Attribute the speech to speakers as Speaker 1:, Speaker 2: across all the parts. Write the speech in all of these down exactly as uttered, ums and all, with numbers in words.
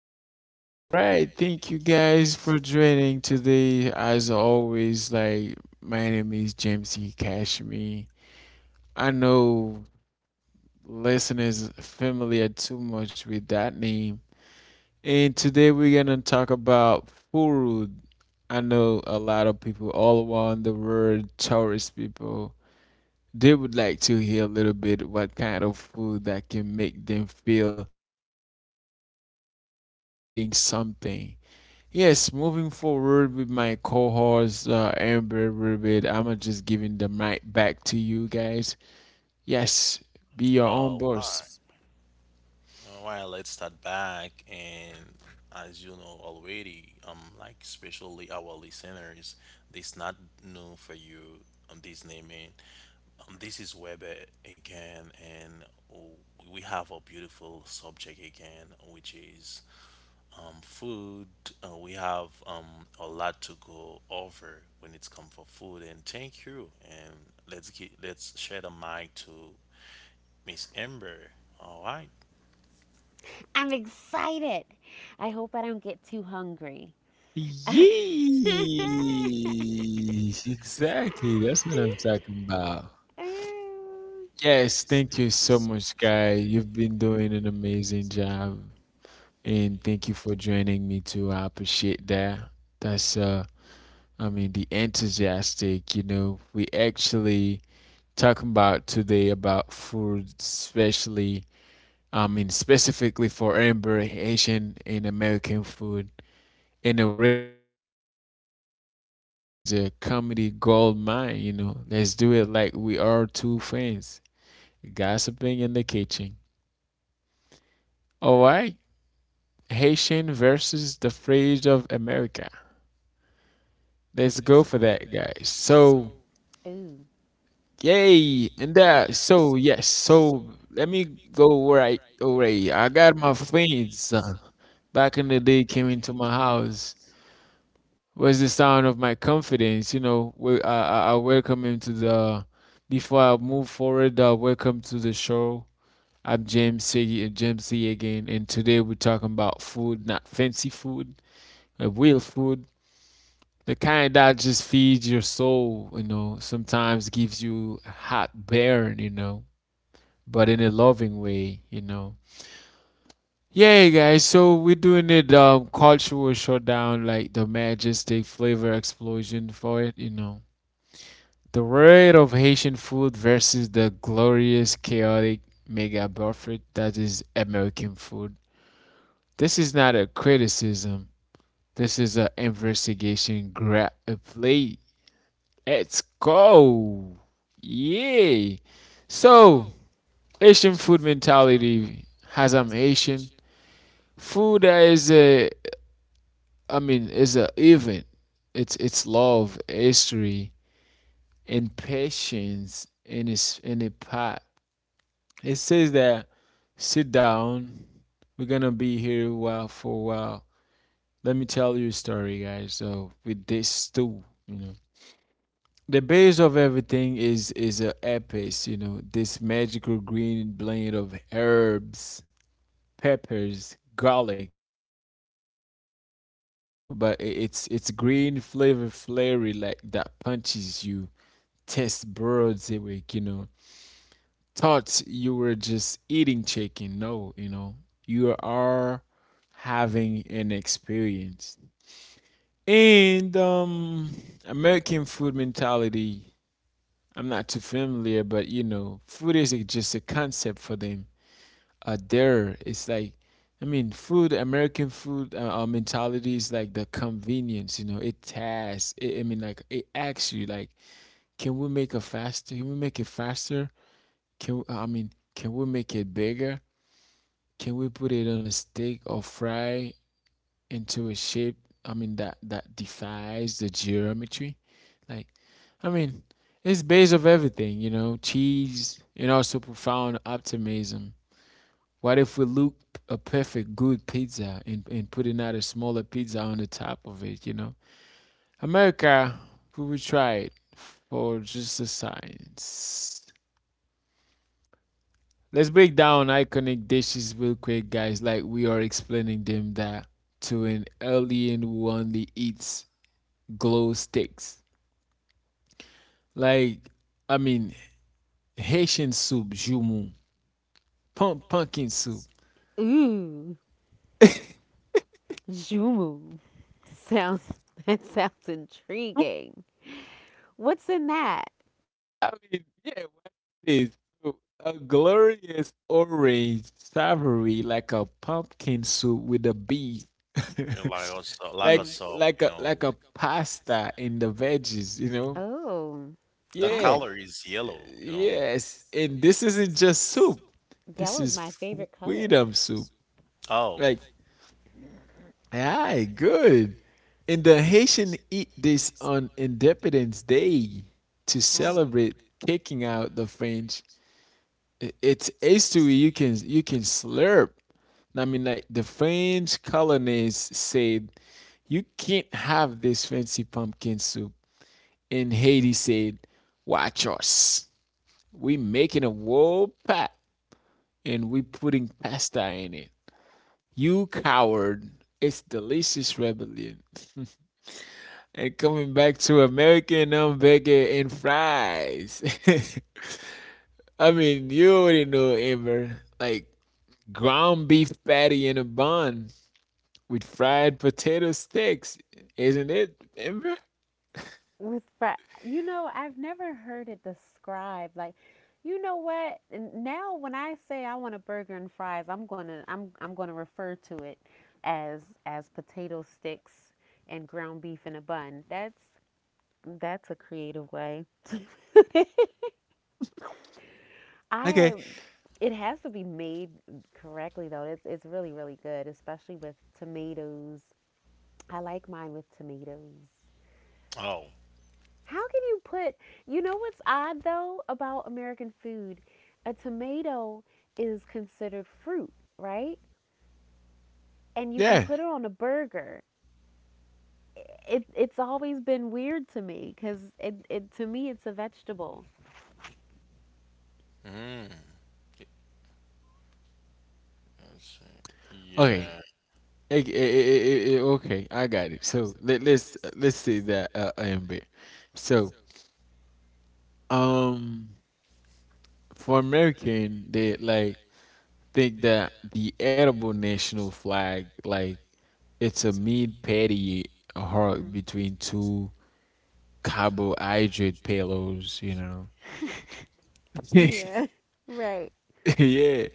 Speaker 1: right, all right. Thank you guys for joining today. As always, like my name is James E. Cashme. I know listeners familiar too much with that name. And today we're gonna talk about food. I know a lot of people all around the world, tourist people, they would like to hear a little bit what kind of food that can make them feel like they actually eating something. Yes, moving forward with my co-host uh, Amber Rubid, I'm just giving the mic back to you guys. Yes, be your own
Speaker 2: Oh,
Speaker 1: boss.
Speaker 2: why? Uh, let's start back and as you know already, um, like especially our listeners, this not new for you on this naming. Um, this is Weber again, and oh, we have a beautiful subject again, which is um food. Uh, we have um a lot to go over when it's come for food, and thank you. And let's get let's share the mic to Miss Amber. All right.
Speaker 3: I'm excited. I hope I don't get too hungry.
Speaker 1: Yee! Exactly. That's what I'm talking about.
Speaker 3: Ooh.
Speaker 1: Yes, thank you so much, guy. You've been doing an amazing job. And thank you for joining me too. I appreciate that. That's uh I mean, the enthusiastic, you know. We actually talking about today about food, especially I mean specifically for Amber Haitian and American food. In a way that's funny and easy. This is a comedy gold mine, you know. Let's do it like we are two friends gossiping in the kitchen. All right, Haitian versus the phrase of America. Let's go for that, guys. So,
Speaker 3: Ooh.
Speaker 1: yay, and that. So, yes. So, let me go right away. I got my friends uh, back in the day came into my house. Was the sound of my confidence, you know? We, I, I welcome him to the. Before I move forward, uh, welcome to the show. I'm James C. James C. again, and today we're talking about food, not fancy food, uh, real food. The kind that just feeds your soul, you know, sometimes gives you a hot burn, you know, but in a loving way, you know. Yeah, guys, so we're doing it um cultural shutdown, like the majestic flavor explosion for it, you know. The rate of Haitian food versus the glorious, chaotic mega buffet that is American food. This is not a criticism. This is an investigation. Grab a plate. Let's go. Yay. So, Asian food mentality has I'm Asian. Food that is a, I mean, is a event. It's it's love, history, and patience in its in a pot. It says that sit down. We're gonna be here a while for a while. Let me tell you a story, guys. So with this stew, you know, the base of everything is is a epic, you know, this magical green blend of herbs, peppers, garlic. It's not seasoning, you know, but it's it's green flavor flavory like that punches you. Test birds awake, you know. Thought you were just eating chicken. No, you know, you are having an experience. And um American food mentality I'm not too familiar, but you know, food is a- just a concept for them. Uh, there, it's like, I mean, food, American food, uh, our mentality is like the convenience, you know, it tasks, it, I mean, like, it asks you, like, can we make it faster? Can we make it faster? Can, we- I mean, can we make it bigger? Can we put it on a steak or fry into a shape, I mean, that that defies the geometry, like, I mean, it's base of everything, you know cheese and also profound optimism. What if we look a perfect good pizza and, and putting out a smaller pizza on the top of it you know America, we will try it for just the science. Let's break down iconic dishes real quick, guys, like we are explaining them that to an alien who only eats glow sticks. Like, I mean, Haitian soup, jumu, pump, pumpkin soup.
Speaker 3: Ooh! Jumu. Sounds that sounds
Speaker 1: I
Speaker 3: intriguing. What's in that?
Speaker 1: mean, yeah, what is this? So, a glorious orange savory, like a pumpkin soup with a beef,
Speaker 2: Yeah, like also, like
Speaker 1: like
Speaker 3: Hmm.
Speaker 2: also,
Speaker 1: like
Speaker 2: you
Speaker 1: a like
Speaker 2: know,
Speaker 1: a pasta and the veggies, you know?
Speaker 3: Oh.
Speaker 2: the
Speaker 3: Ah,
Speaker 1: Yeah,
Speaker 3: coloring.
Speaker 2: color is yellow, you know.
Speaker 1: yes. And this isn't just soup. This
Speaker 3: Yellow's This
Speaker 1: is
Speaker 3: my is favorite color.
Speaker 1: freedom
Speaker 3: Freedom
Speaker 1: soup.
Speaker 3: soup.
Speaker 2: Oh,
Speaker 1: Like aye, good. And the Haitian eat this on Independence Day to
Speaker 3: It's Oh.
Speaker 1: celebrate kicking out the French. I- It's history you can you can slurp. I mean, like the French colonists said, you can't have this fancy pumpkin soup. And Haiti said, watch us. We making a whole pot and we putting pasta in it. You coward. It's delicious rebellion. And coming back to American um, burger and fries. I mean, you already know, Amber. Like ground beef patty in a bun with fried potato sticks, isn't it, Amber?
Speaker 3: With fri- you know, I've never heard it described. Like, you know what? N- Now when I say I want a burger and fries, I'm gonna I'm I'm gonna refer to it as as potato sticks and ground beef in a bun. That's that's a creative way.
Speaker 1: Okay,
Speaker 3: I it has to be made correctly though. It's it's really really good, especially with tomatoes. I like mine with tomatoes.
Speaker 2: oh.
Speaker 3: How can you put, You know what's odd though about American food? A tomato is considered fruit, right? And you can
Speaker 1: yeah.
Speaker 3: put it on a burger. It, It's always been weird to me because, it, it, to me, it's a vegetable.
Speaker 2: Mm. Let's see.
Speaker 1: Okay,
Speaker 2: Yeah.
Speaker 1: Eh, eh, eh, eh, eh, okay, I got it. So let, let's let's see that, uh, Amber. So um, for American, they, like, think that the edible national flag, like, it's a meat patty
Speaker 3: You.
Speaker 1: hard
Speaker 3: Mhm. are
Speaker 1: between two carbohydrate payloads, you know.
Speaker 3: between two. Yeah. Right.
Speaker 1: yeah.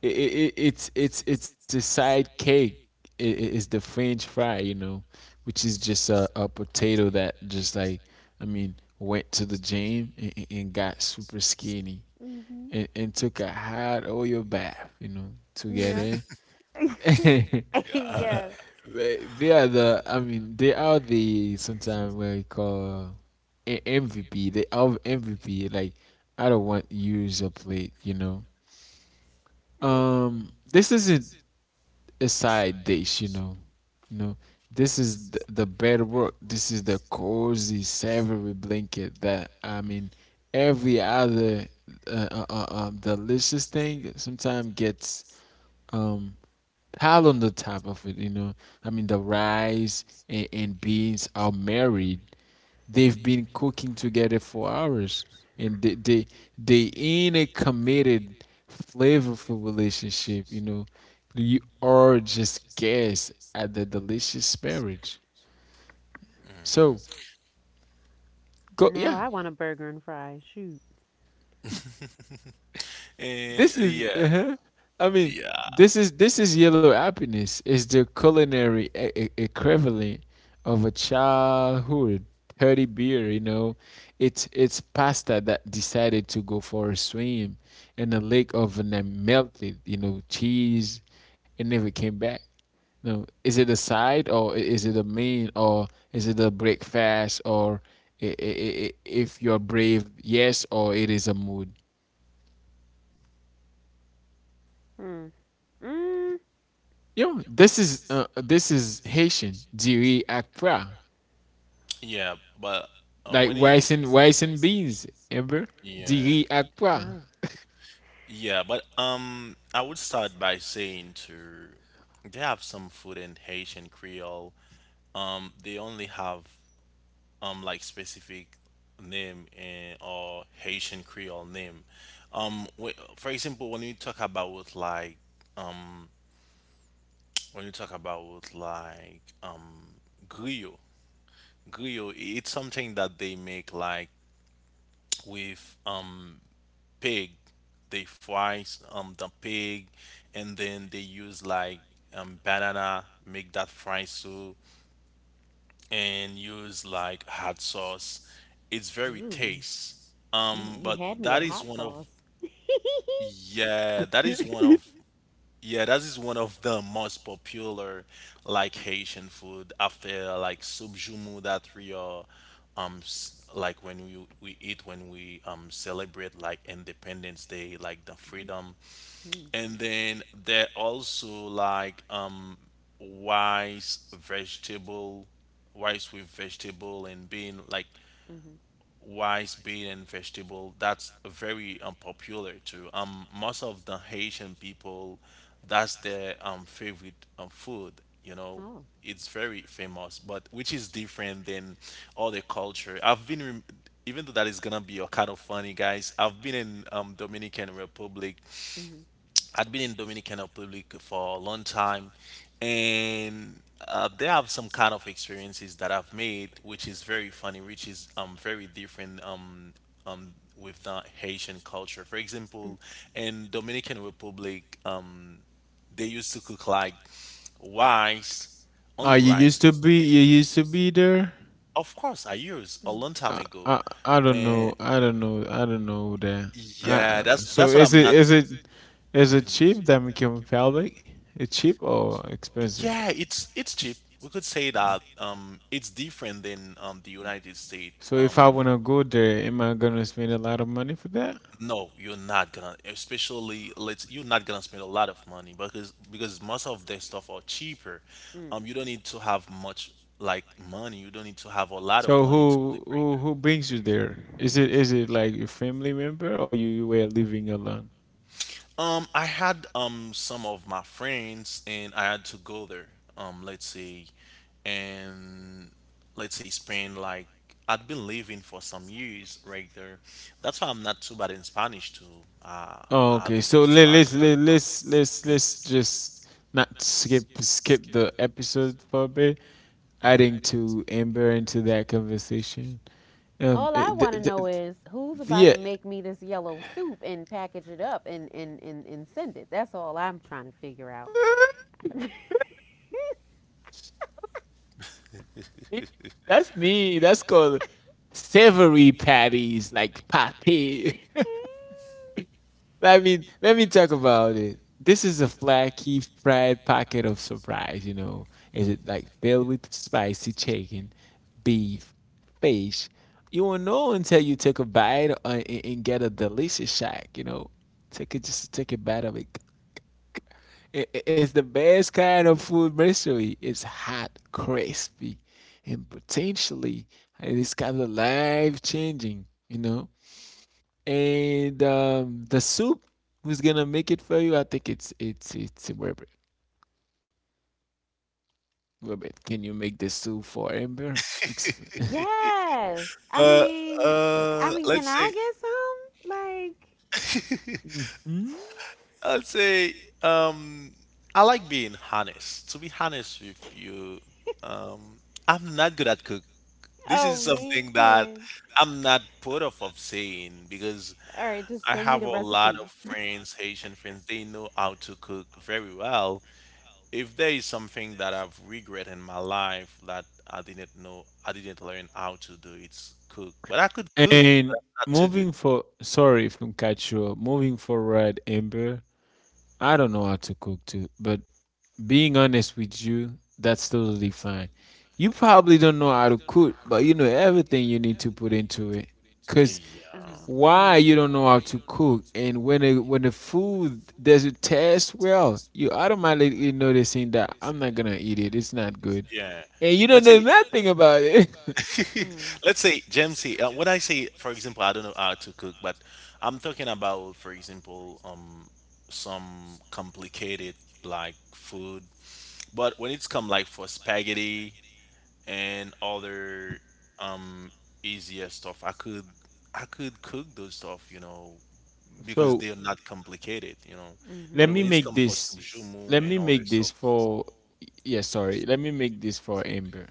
Speaker 1: It, it, it's it's it's a side cake. It, it's the French fry, you know, which is just a, a potato that just like, I mean, went to the gym and, and got super skinny
Speaker 3: Hmm.
Speaker 1: and, and took a hot oil bath, you know, to get
Speaker 3: Yeah.
Speaker 1: in.
Speaker 3: Then yes.
Speaker 1: They, they are the, I mean, they are the sometimes what you call a- M V P. They are M V P. Like, I don't want use a plate, you know. Um, this isn't a side dish, you know. No, this is the, the bed work. This is the cozy, savory blanket that, I mean, every other uh, uh, uh, um, delicious thing sometimes gets um pile on the top of it you know I mean the rice and, and beans are married. They've been cooking together for hours, and they, they they in a committed flavorful relationship you know you are just guests at the delicious marriage. So go,
Speaker 3: Now
Speaker 1: yeah.
Speaker 3: I want a burger and fries. Shoot.
Speaker 2: Eh,
Speaker 1: This is,
Speaker 2: yeah,
Speaker 1: uh-huh. I mean,
Speaker 2: yeah,
Speaker 1: this is this is yellow happiness. It's the culinary e- e- equivalent of a childhood thirty beer. You know, it's it's pasta that decided to go for a swim in a lake of and then melted. You know, cheese and never came back. No, is it a side or i- is it a main or is it a breakfast or i- i- i- i- if you're brave, yes, or it is a mood.
Speaker 3: Mm. Mm.
Speaker 1: Yo, this is uh, this is Haitian diri ak pra,
Speaker 2: yeah. But uh,
Speaker 1: like
Speaker 2: when you,
Speaker 1: rice and rice and beans. Remember
Speaker 2: yeah,
Speaker 1: diri ak pra.
Speaker 3: Oh.
Speaker 2: yeah. But um, I would start by saying to, they have some food in Haitian Creole. Um, they only have um like specific name and or Haitian Creole name. Um, wh- for example, when you talk about like when you talk about like um griot, griot, it's something that they make like with um pig. They fry um the pig, and then they use like um banana make that fry soup and use like hot sauce. It's very
Speaker 3: Ooh.
Speaker 2: taste.
Speaker 3: You,
Speaker 2: Um,
Speaker 3: you
Speaker 2: but
Speaker 3: had me
Speaker 2: that
Speaker 3: at
Speaker 2: is
Speaker 3: hot
Speaker 2: one of
Speaker 3: sauce.
Speaker 2: Yeah, that is one of yeah, that is one of the most popular like Haitian food after like soup jumu that we are um s- like when we we eat when we um celebrate like Independence Day, like the freedom.
Speaker 3: Mm,
Speaker 2: And then there also like um rice, vegetable, rice with vegetable and bean like
Speaker 3: mhm.
Speaker 2: rice, bean, and vegetable. That's very unpopular too. Um, most of the Haitian people, that's their um favorite um, food. You know,
Speaker 3: Oh,
Speaker 2: it's very famous, but which is different than other culture. I've been rem- even though that is gonna be a kind of funny, guys. I've been in um Dominican Republic.
Speaker 3: mhm.
Speaker 2: I'd been in Dominican Republic for a long time, and uh, they have some kind of experiences that I've made, which is very funny, which is um very different um um with the Haitian culture. For example, in Dominican Republic, um they used to cook like rice,
Speaker 1: Oh,
Speaker 2: only
Speaker 1: you
Speaker 2: rice.
Speaker 1: used to be you used to be there.
Speaker 2: Of course, I used
Speaker 3: Mm,
Speaker 2: a
Speaker 3: mm,
Speaker 2: long time
Speaker 1: I,
Speaker 2: ago,
Speaker 1: I I don't
Speaker 2: and
Speaker 1: know. I don't know. I don't know that. Uh,
Speaker 2: yeah,
Speaker 1: uh,
Speaker 2: that's
Speaker 1: so
Speaker 2: that's what
Speaker 1: is
Speaker 2: I'm
Speaker 1: it
Speaker 2: not.
Speaker 1: is it is it cheap Dominican Republic? It's cheap or expensive?
Speaker 2: Yeah, it's it's cheap. We could say that um, it's different than um, the United States.
Speaker 1: So if I
Speaker 2: Um,
Speaker 1: wanna go there, am I gonna spend a lot of money for that?
Speaker 2: no, you're not gonna, especially let's you're not gonna spend a lot of money because because most of their stuff are cheaper.
Speaker 3: mm.
Speaker 2: Um, you don't need to have much like money. You don't need to have a lot of
Speaker 1: So
Speaker 2: money to live
Speaker 1: who
Speaker 2: right.
Speaker 1: who who brings you there? Is it is it like your family member or you, you were living alone?
Speaker 2: Um, I had um some of my friends and I had to go there. Um, let's say, and let's say spend like I'd been living for some years right there. That's why I'm not too bad in Spanish too. Uh,
Speaker 1: Oh,
Speaker 2: I
Speaker 1: okay.
Speaker 2: do
Speaker 1: So
Speaker 2: speak
Speaker 1: let,
Speaker 2: Spanish
Speaker 1: let's
Speaker 2: as
Speaker 1: let,
Speaker 2: well.
Speaker 1: let's let's let's just not skip skip the episode for a bit, adding to Amber into that conversation. Um,
Speaker 3: All I
Speaker 1: it- th-
Speaker 3: want to
Speaker 1: th-
Speaker 3: know
Speaker 1: th-
Speaker 3: is who's about
Speaker 1: yeah.
Speaker 3: to make me this yellow soup and package it up and and, and, and send it. That's all I'm trying to figure out.
Speaker 1: That's me. That's called savory patties, like patty. let me let me talk about it. This is a flaky fried pocket of surprise, you know. Is it like filled with spicy chicken, beef, fish? You won't know until you take a bite uh, and, and get a delicious shack, you know. Take it just take a bite of it. It- it- It's the best kind of food mystery. It's hot, crispy, and potentially uh, it's kind of life changing, you know and um, the soup who's gonna make it for you. I think it's it's it's Robert. Robert, can you make the soup for Amber? Ex-
Speaker 3: Yes. I
Speaker 2: But
Speaker 3: mean, I
Speaker 2: uh,
Speaker 3: mean, can
Speaker 2: let's
Speaker 3: I
Speaker 2: say,
Speaker 3: get some? Like,
Speaker 1: Mhm.
Speaker 2: let's say, um, I like being honest. To be honest with you, um, I'm not good at cooking. This is
Speaker 3: oh
Speaker 2: something
Speaker 3: man.
Speaker 2: that I'm not put off of saying because
Speaker 3: All right, just send me
Speaker 2: I
Speaker 3: the I
Speaker 2: have a
Speaker 3: recipe.
Speaker 2: lot of friends, Haitian friends, they know how to cook very well. If there is something that I've regret in my life that I didn't know, I didn't learn how to do, it's cook. But I could cook, but
Speaker 1: And
Speaker 2: I'm not too good.
Speaker 1: moving for sorry if I'm catch you moving forward, Amber. I don't know how to cook too, but being honest with you, that's totally fine. You probably don't know how to cook, but you know everything you need to put into it. Cause
Speaker 3: So
Speaker 2: Yeah.
Speaker 1: why
Speaker 3: man.
Speaker 1: you don't know how to cook, and when it, when the food doesn't taste well, you automatically noticing that I'm not gonna eat it. It's not good,
Speaker 2: Yeah.
Speaker 1: and you don't
Speaker 2: Let's
Speaker 1: know
Speaker 2: say
Speaker 1: nothing about it.
Speaker 3: Food.
Speaker 2: let's say, Jamesy, uh, when I say, for example, I don't know how to cook, but I'm talking about, for example, um, some complicated like food. But when it's come like for spaghetti and other um easier stuff, I could I could cook those stuff, you know, because
Speaker 1: so
Speaker 2: they are not complicated, you know.
Speaker 3: Mm.
Speaker 1: let
Speaker 2: But
Speaker 1: me
Speaker 2: when it's
Speaker 1: make
Speaker 2: come for
Speaker 1: this.
Speaker 2: subjumu
Speaker 1: Let
Speaker 2: and
Speaker 1: me
Speaker 2: other
Speaker 1: make
Speaker 2: stuff,
Speaker 1: this for. Yeah, sorry. Let me make this for Amber.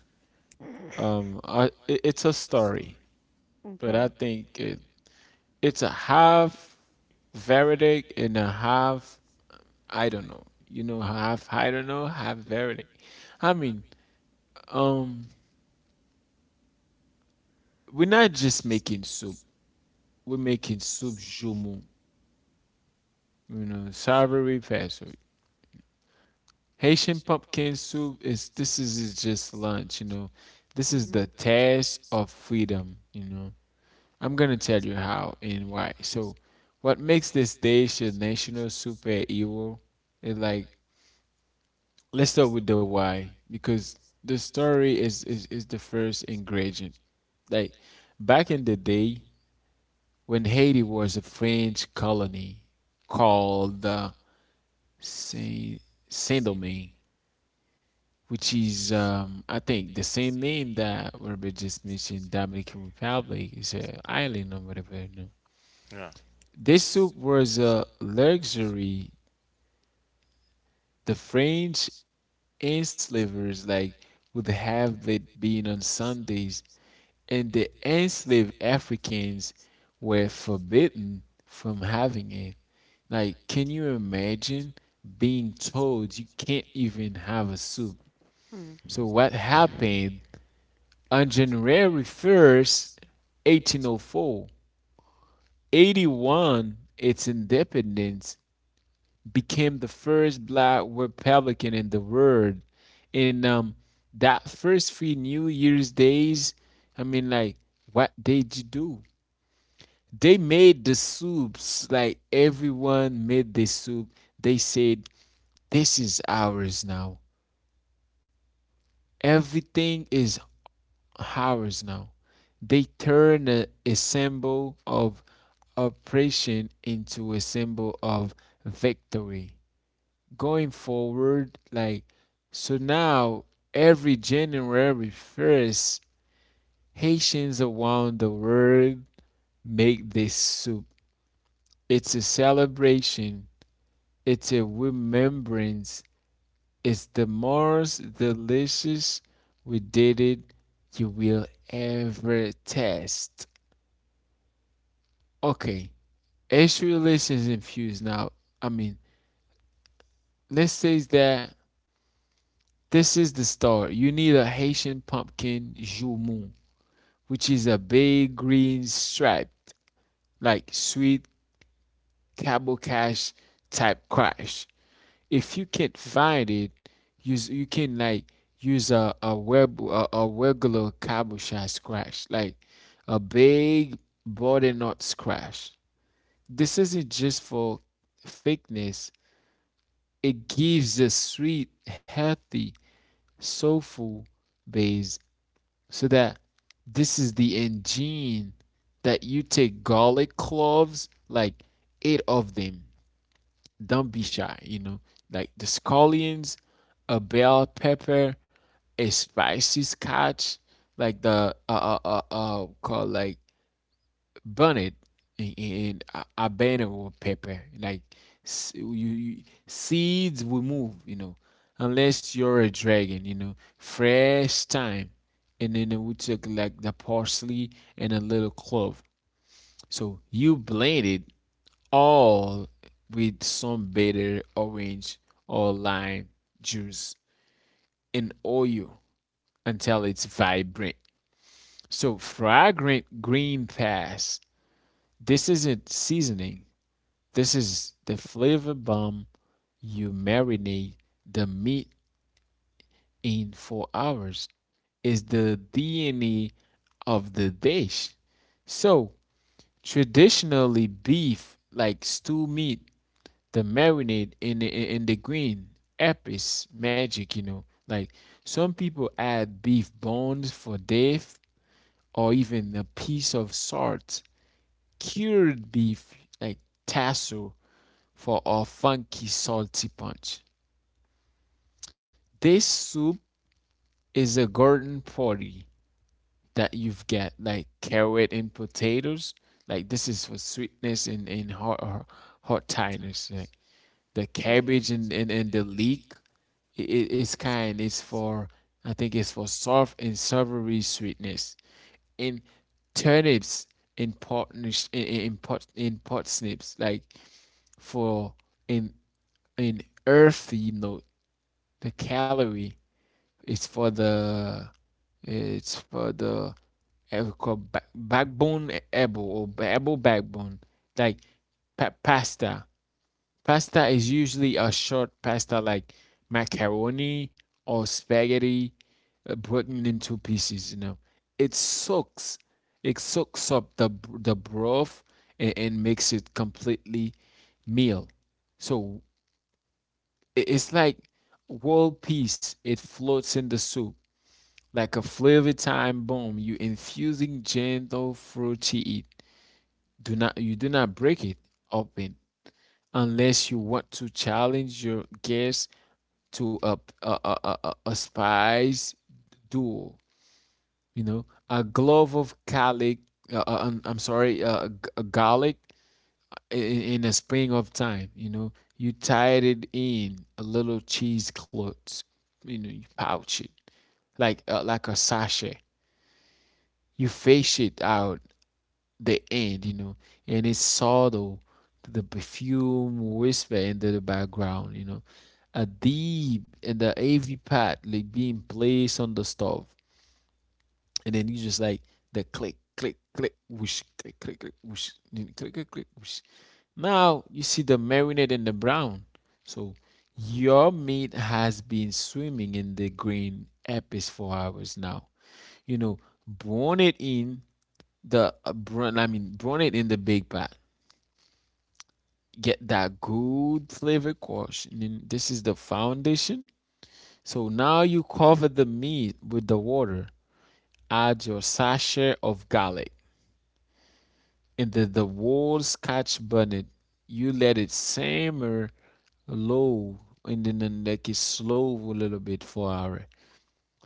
Speaker 3: Mm-hmm.
Speaker 1: Um, I, it, it's a story, but I
Speaker 3: Okay.
Speaker 1: think it, it's a half verdict and a half I don't know. You know, half I don't know, half verdict. I mean, um, we're not just making soup. We're making soup jumu. You know, savory vessel. Haitian pumpkin soup is this is is just lunch. You know, this is the test of freedom. You know, I'm gonna tell you how and why. So, what makes this dish a national superhero is like let's start with the why because the story is is, is the first ingredient. Like back in the day when Haiti was a French colony called uh, Saint Saint Domingue, which is um, I think the same name that Robert just mentioned, Dominican Republic is an island or whatever. No?
Speaker 2: yeah,
Speaker 1: This soup was a luxury the French enslavers like would have it been on Sundays, and the enslaved Africans were forbidden from having it. Like, can you imagine being told you can't even have a soup?
Speaker 3: You know. Mm.
Speaker 1: So what happened on January first, four, eighty one, its independence became the first black Republican in the world. And um, That first three New Year's days, I mean, like, what did you do? They made the soups, like, everyone made the soup. They said, this is ours now. Everything is ours now. They turned a, a symbol of oppression into a symbol of victory. Going forward, like, so now every January first, Haitians around the world make this soup. It's a celebration, it's a remembrance, it's the most delicious we did it you will ever taste. Okay, Asian relations infused now. I mean, let's say that this is the start. You need a Haitian pumpkin jumu, which is a big green stripe, like sweet cable cash type crash. If you can't find it, use you can like use a a web a, a regular cable cash crash, like a big body knot scratch. This isn't just for thickness; it gives a sweet, healthy, soulful base. So that this is the engine, that you take garlic cloves, like eight of them. Don't be shy, you know, like the scallions, a bell pepper, a spicy scotch, like the uh uh uh, uh called like burn it in, in a, a banner or paper. Like s- you, you seeds will move, you know, unless you're a dragon, you know, fresh thyme. And then we took like the parsley and a little clove. So you blend it all with some bitter orange or lime juice and oil until it's vibrant. So fragrant green pass. This isn't seasoning. This is the flavor bomb. You marinate the meat in four hours. It's the D N A of the dish. So, traditionally beef like stew meat, the marinade in the, in the green app is magic, you know. Like some people add beef bones for depth or even a piece of salt, cured beef like tassel for our funky salty punch. This soup is a garden party, that you've got like carrot and potatoes. Like this is for sweetness and, and hot hot hot tightness. Like the cabbage and, and, and the leek, it it's kind. It's for I think it's for soft and savory sweetness. And turnips in pot in in pot in pot snips, like for in in earthy note the calorie. It's for the it's for the eh, called ba- backbone able or able backbone. Like pa- pasta. Pasta is usually a short pasta like macaroni or spaghetti, uh, broken into pieces, you know. It soaks it soaks up the the broth, and, and makes it completely meal. So i- it's like whole piece. It floats in the soup, like a flavor time bomb, you infusing gentle fruity it. Do not you do not break it open unless you want to challenge your guests to a a a, a, a- spice duel. You know, a glove of garlic. Uh, uh, um, I'm sorry, uh, g- uh, garlic in, in a spring of time. You know, you tied it in a little cheesecloth. You know, you pouch it, like uh, like a sachet. You fish it out the end, you know, and it's subtle, the perfume whisper into the background, you know, a deep and the A V pad like being placed on the stove, and then you just like the click, click, click, whoosh, click, click, click, whoosh, click, click, click, whoosh. Now you see the marinade and the brown, so your meat has been swimming in the green epis for hours now. You know, brown it in the uh, brown, I mean, brown it in the big pot. Get that good flavor quash. And then this is the foundation. So now you cover the meat with the water. Add your sachet of garlic and then the whole scotch bonnet. You let it simmer low, and then the neck is slow a little bit for an hour.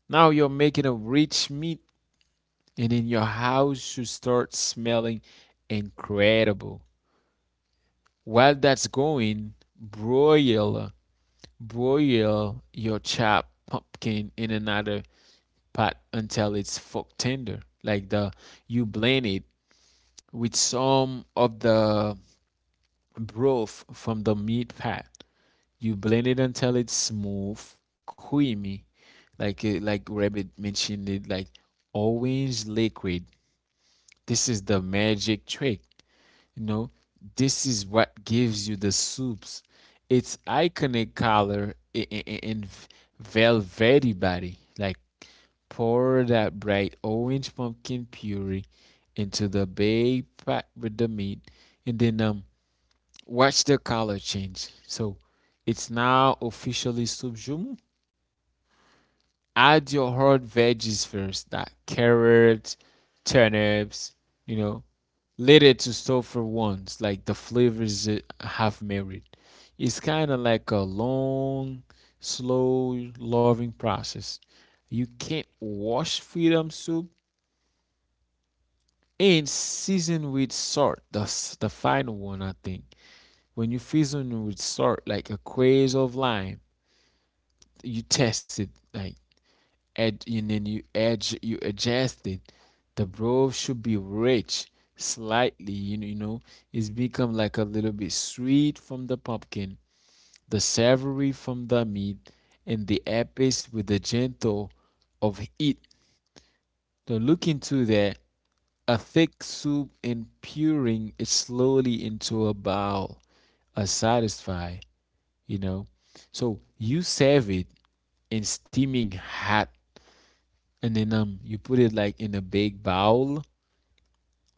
Speaker 1: Now you're making a rich meat, and then your house should start smelling incredible. While that's going, broil Broil your chopped pumpkin in another pot until it's fork tender. Like the You blend it with some of the broth from the meat pot. You blend it until it's smooth, creamy, like it, like Rabbit mentioned it, like orange liquid. This is the magic trick. You know, this is what gives you the soups. Its iconic color i- and velvety body. Like, pour that bright orange pumpkin puree into the big pot with the meat, and then um, watch the color change. So, it's now officially soup jumu. Add your whole veggies first, that carrot, turnips, you know, let it to soak for once, like the flavors uh, have married. It's kind of like a long, slow, loving process. You can't wash freedom soup and season with salt. That's the final one, I think. When you season with salt, like a craze of lime, you test it. Like ad- and then you edge you adjust it. The broth should be rich slightly, you know, you know it's become like a little bit sweet from the pumpkin, the savory from the meat, and the epic with the gentle of heat. So look into that a thick soup and puring it slowly into a bowl, a satisfy, you know. So you serve it in steaming hot, and then um you put it like in a big bowl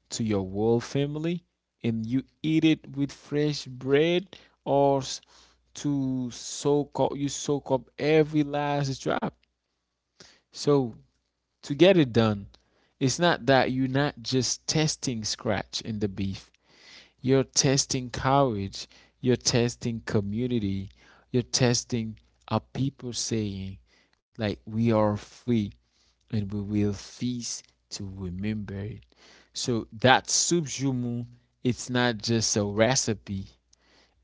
Speaker 1: to your whole family, and you eat it with fresh bread or to soak up, you soak up every last drop. So to get it done, it's not that you're not just testing scratch in the beef, you're testing courage, you're testing community, you're testing a people saying, like, we are free and we will feast to remember it. So that soup jumu, it's not just a recipe,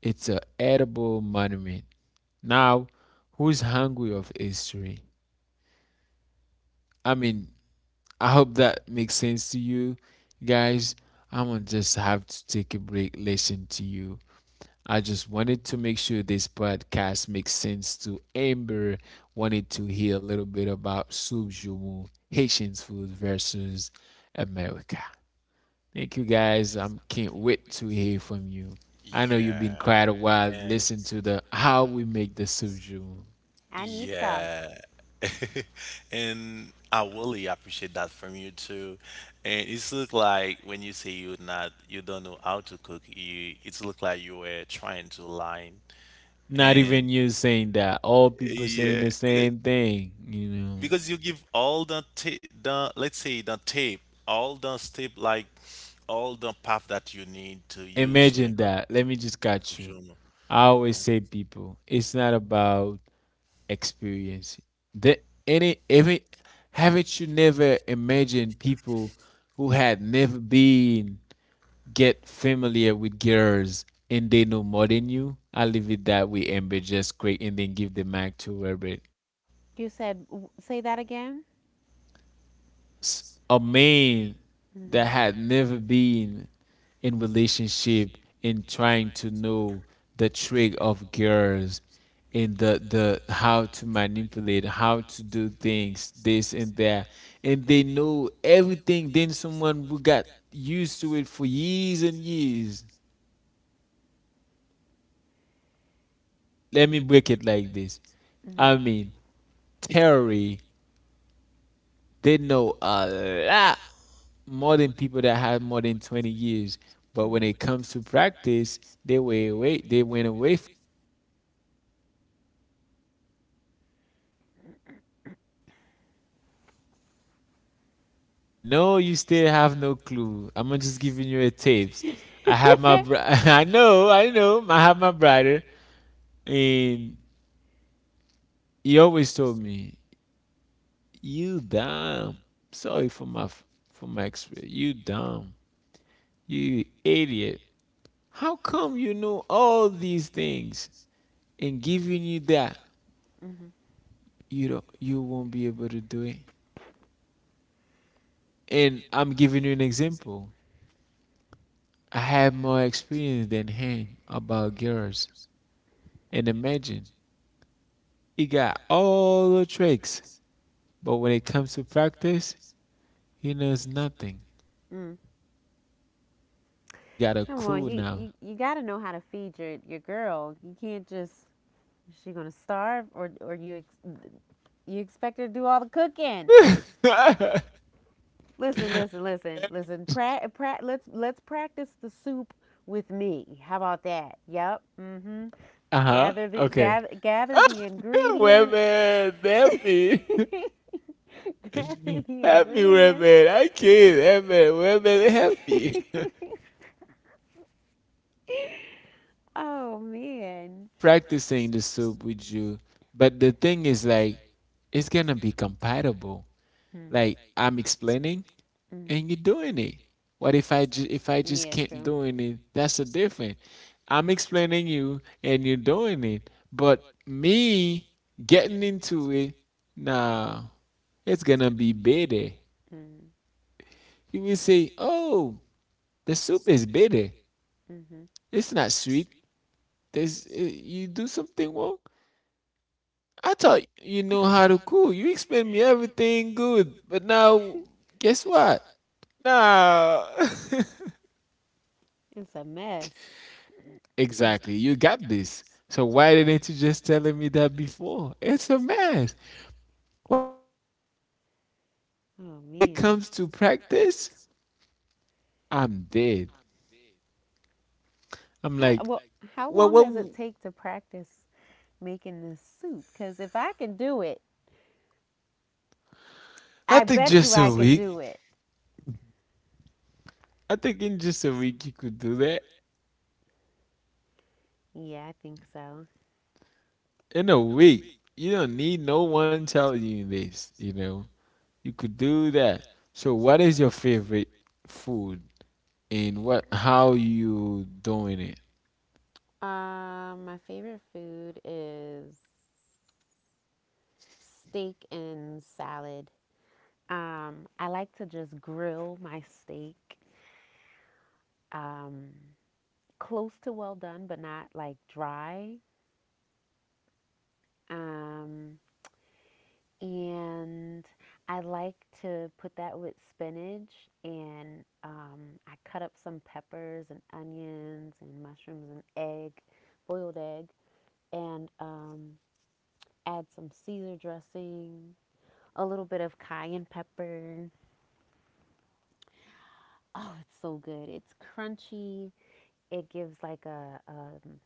Speaker 1: it's an edible monument. Now, who's hungry of history? I mean, I hope that makes sense to you guys. I'm gonna just have to take a break, listen to you. I just wanted to make sure this podcast makes sense to Amber. Wanted to hear a little bit about Subjumu, Haitian food versus America. Thank you guys. I am can't wait to hear from you. I know you've been
Speaker 2: yeah,
Speaker 1: quite a while listening to the how we make the Subjumu.
Speaker 3: I need some.
Speaker 2: yeah. And I really appreciate that from you too. And it's look like when you say you're not you don't know how to cook, you it's look like you were trying to lie.
Speaker 1: Not
Speaker 2: And
Speaker 1: even you saying that. All people saying
Speaker 2: yeah,
Speaker 1: the
Speaker 2: because,
Speaker 1: same thing, you know.
Speaker 2: because you give all the ta- the let's say the tape, all the step like all the path that you need to use to make
Speaker 1: Imagine
Speaker 2: a
Speaker 1: that.
Speaker 2: good
Speaker 1: Let me
Speaker 2: soup.
Speaker 1: just catch you.
Speaker 2: Soup shawarma.
Speaker 1: I always say people, it's not about experience. The any every haven't you never imagined people who had never been get familiar with girls and they know more than you? I leave it that way, Amber. Just quick and then give the mic to Herbert.
Speaker 3: Yeah. You said w- say that again.
Speaker 1: A man that
Speaker 3: Mm-hmm.
Speaker 1: had never been in relationship, and trying to know the trick of girls and the the how to manipulate, how to do things this and that, and they know everything, then someone who got used to it for years and years. Let me break it like this.
Speaker 3: Mm-hmm.
Speaker 1: I
Speaker 3: But
Speaker 1: mean, terry, they know a lot more than people that had more than twenty years. But when it comes to practice, they way away. They went away. From no, you still have no clue. I'm just giving you a tips. I have my. Br- I know. I know. I have my brother, and he always told me, "You dumb." Sorry for my f- for my experience. You dumb. You idiot. How come you know all these things and giving you that,
Speaker 3: hmm.
Speaker 1: you don't you won't be able to do it? And I'm giving you an example. I have more experience than him about girls. And imagine, he got all the tricks, but when it comes to practice, he knows nothing.
Speaker 3: Mm.
Speaker 1: So I think that you got to you got a
Speaker 3: Come on,
Speaker 1: clue
Speaker 3: you,
Speaker 1: now.
Speaker 3: you you gotta know how to feed your your girl. You can't just, is she gonna starve? Or or you ex, you expect her to do all the cooking?
Speaker 1: Uh-huh.
Speaker 3: Listen, listen, listen, listen. Pra, pra, let's let's practice the soup with me. How about that? Yep. Mhm. Gather the
Speaker 1: Okay.
Speaker 3: gather gather the ingredients.
Speaker 1: Women, help me.
Speaker 3: Help. Grabbing the
Speaker 1: Help me,
Speaker 3: ingredients.
Speaker 1: women. I can't. Women, women, help me. Okay,
Speaker 3: Oh
Speaker 1: so
Speaker 3: man.
Speaker 1: I'm practicing the soup with you, but the thing is like it's gonna be compatible,
Speaker 3: Mm,
Speaker 1: like I'm explaining and you're
Speaker 3: mm.
Speaker 1: doing it. What if i ju- if I just
Speaker 3: Yeah,
Speaker 1: can't
Speaker 3: true.
Speaker 1: doing it? That's a different. I'm explaining you and you're doing it, but me getting into it, nah, it's gonna be bitter. You will say, oh, the soup is bitter,
Speaker 3: Mm, hmm, mm-hmm.
Speaker 1: it's not sweet. There's uh, you do something wrong. I thought you know how to cook. You explained me everything good, but now guess what? Nah.
Speaker 3: It's a mess.
Speaker 1: Exactly. You got this. So why didn't you just tell me that before? It's a mess. What if I know everything and
Speaker 3: Oh when
Speaker 1: when it
Speaker 3: it man.
Speaker 1: comes to practice, I'm dead. I'm
Speaker 3: How
Speaker 1: like,
Speaker 3: well? How
Speaker 1: well,
Speaker 3: long does it
Speaker 1: well,
Speaker 3: take to practice making this soup? Because if I can do it,
Speaker 1: I
Speaker 3: I I
Speaker 1: think
Speaker 3: bet you you
Speaker 1: just
Speaker 3: I
Speaker 1: a
Speaker 3: could so
Speaker 1: week.
Speaker 3: do it.
Speaker 1: I think in just a week you could do that.
Speaker 3: Yeah, I think so.
Speaker 1: In a week, you don't need no one telling you this, you know. You could do that. So what is your favorite food, and what how you doing it?
Speaker 3: Um, my favorite food is steak and salad. Um, I like to just grill my steak, um, close to well done, but not like dry. Um, and I like to put that with spinach, and um, I cut up some peppers and onions and mushrooms and egg, boiled egg, and um, add some Caesar dressing, a little bit of cayenne pepper. Oh, it's so good. It's crunchy. It gives like a, um,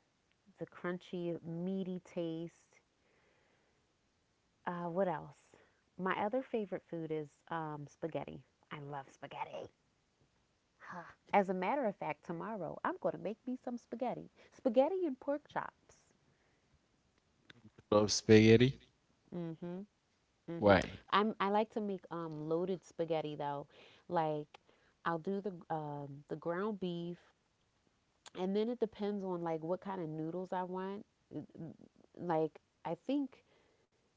Speaker 3: the crunchy, meaty taste. Uh, what else? My other favorite food is um, spaghetti. I love spaghetti. Huh. As a matter of fact, tomorrow I'm going to make me some spaghetti. Spaghetti and pork chops.
Speaker 1: Love spaghetti?
Speaker 3: Mm, mhm. Mm, mhm.
Speaker 1: Why?
Speaker 3: I'm I like to make um loaded spaghetti though. Like, I'll do the um the ground beef, and then it depends on like what kind of noodles I want. Like, I think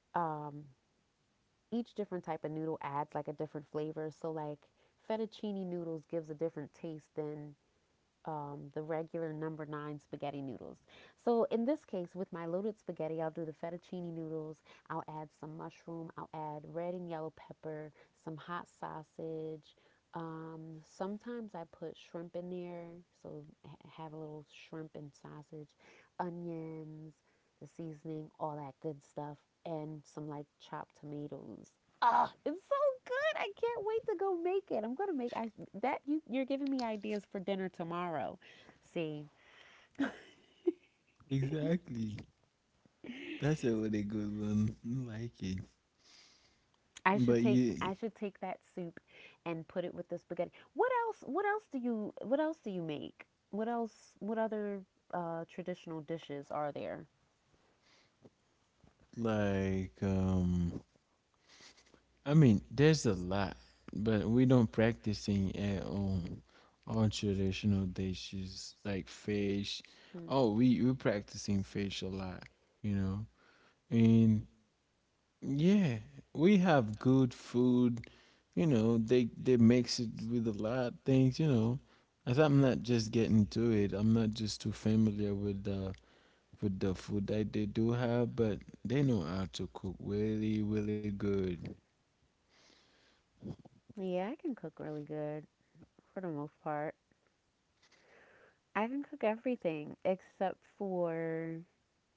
Speaker 3: um each different type of noodle adds like a different flavor. So like, fettuccine noodles gives a different taste than um, the regular number nine spaghetti noodles. So in this case, with my loaded spaghetti, I'll do the fettuccine noodles. I'll add some mushroom. I'll add red and yellow pepper, some hot sausage. Um, sometimes I put shrimp in there, so have a little shrimp and sausage, onions, the seasoning, all that good stuff, and some like chopped tomatoes. Oh, it's so good. I can't wait to go make it. I'm going to make I that you you're giving me ideas for dinner tomorrow. See,
Speaker 1: Exactly. That's a really good one. I like it.
Speaker 3: I should
Speaker 1: But
Speaker 3: take
Speaker 1: you
Speaker 3: I should take that soup and put it with the spaghetti. What else what else do you what else do you make? What else what other uh traditional dishes are there?
Speaker 1: like um I mean, there's a lot, but we don't practicing at home on traditional dishes like fish.
Speaker 3: Hmm.
Speaker 1: Oh, we we practicing fish a lot, you know. And yeah, we have good food. You know, they they mix it with a lot of things. You know, as I'm not just getting to it, I'm not just too familiar with the with the food that they do have, but they know how to cook really, really good.
Speaker 3: Yeah, I can cook really good for the most part. I can cook everything except for,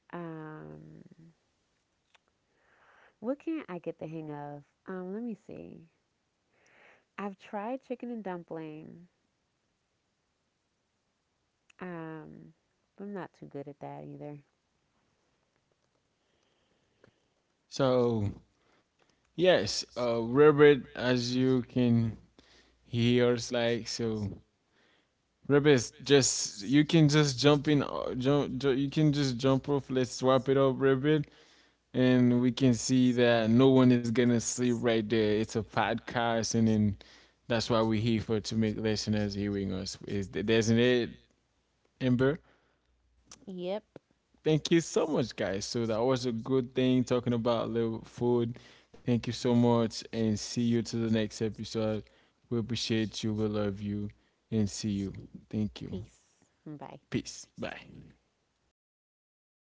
Speaker 3: um what can't I get the hang of? Um let me see. I've tried chicken and dumpling. Um, I'm not too good at that either.
Speaker 1: So yes, uh, Robert, as you can hear, it's like so. Robert, just you can just jump in, uh, jump, ju- you can just jump off. Let's swap it up, Robert, and we can see that no one is gonna sleep right there. It's a podcast, and then that's why we're here for, to make listeners hearing us. Is Isn't it, Amber?
Speaker 3: Yep.
Speaker 1: Thank you so much, guys. So that was a good thing talking about a little food. Thank you so much, and see you to the next episode. We appreciate you. We love you, and see you. Thank you.
Speaker 3: Peace. Bye.
Speaker 1: Peace. Bye.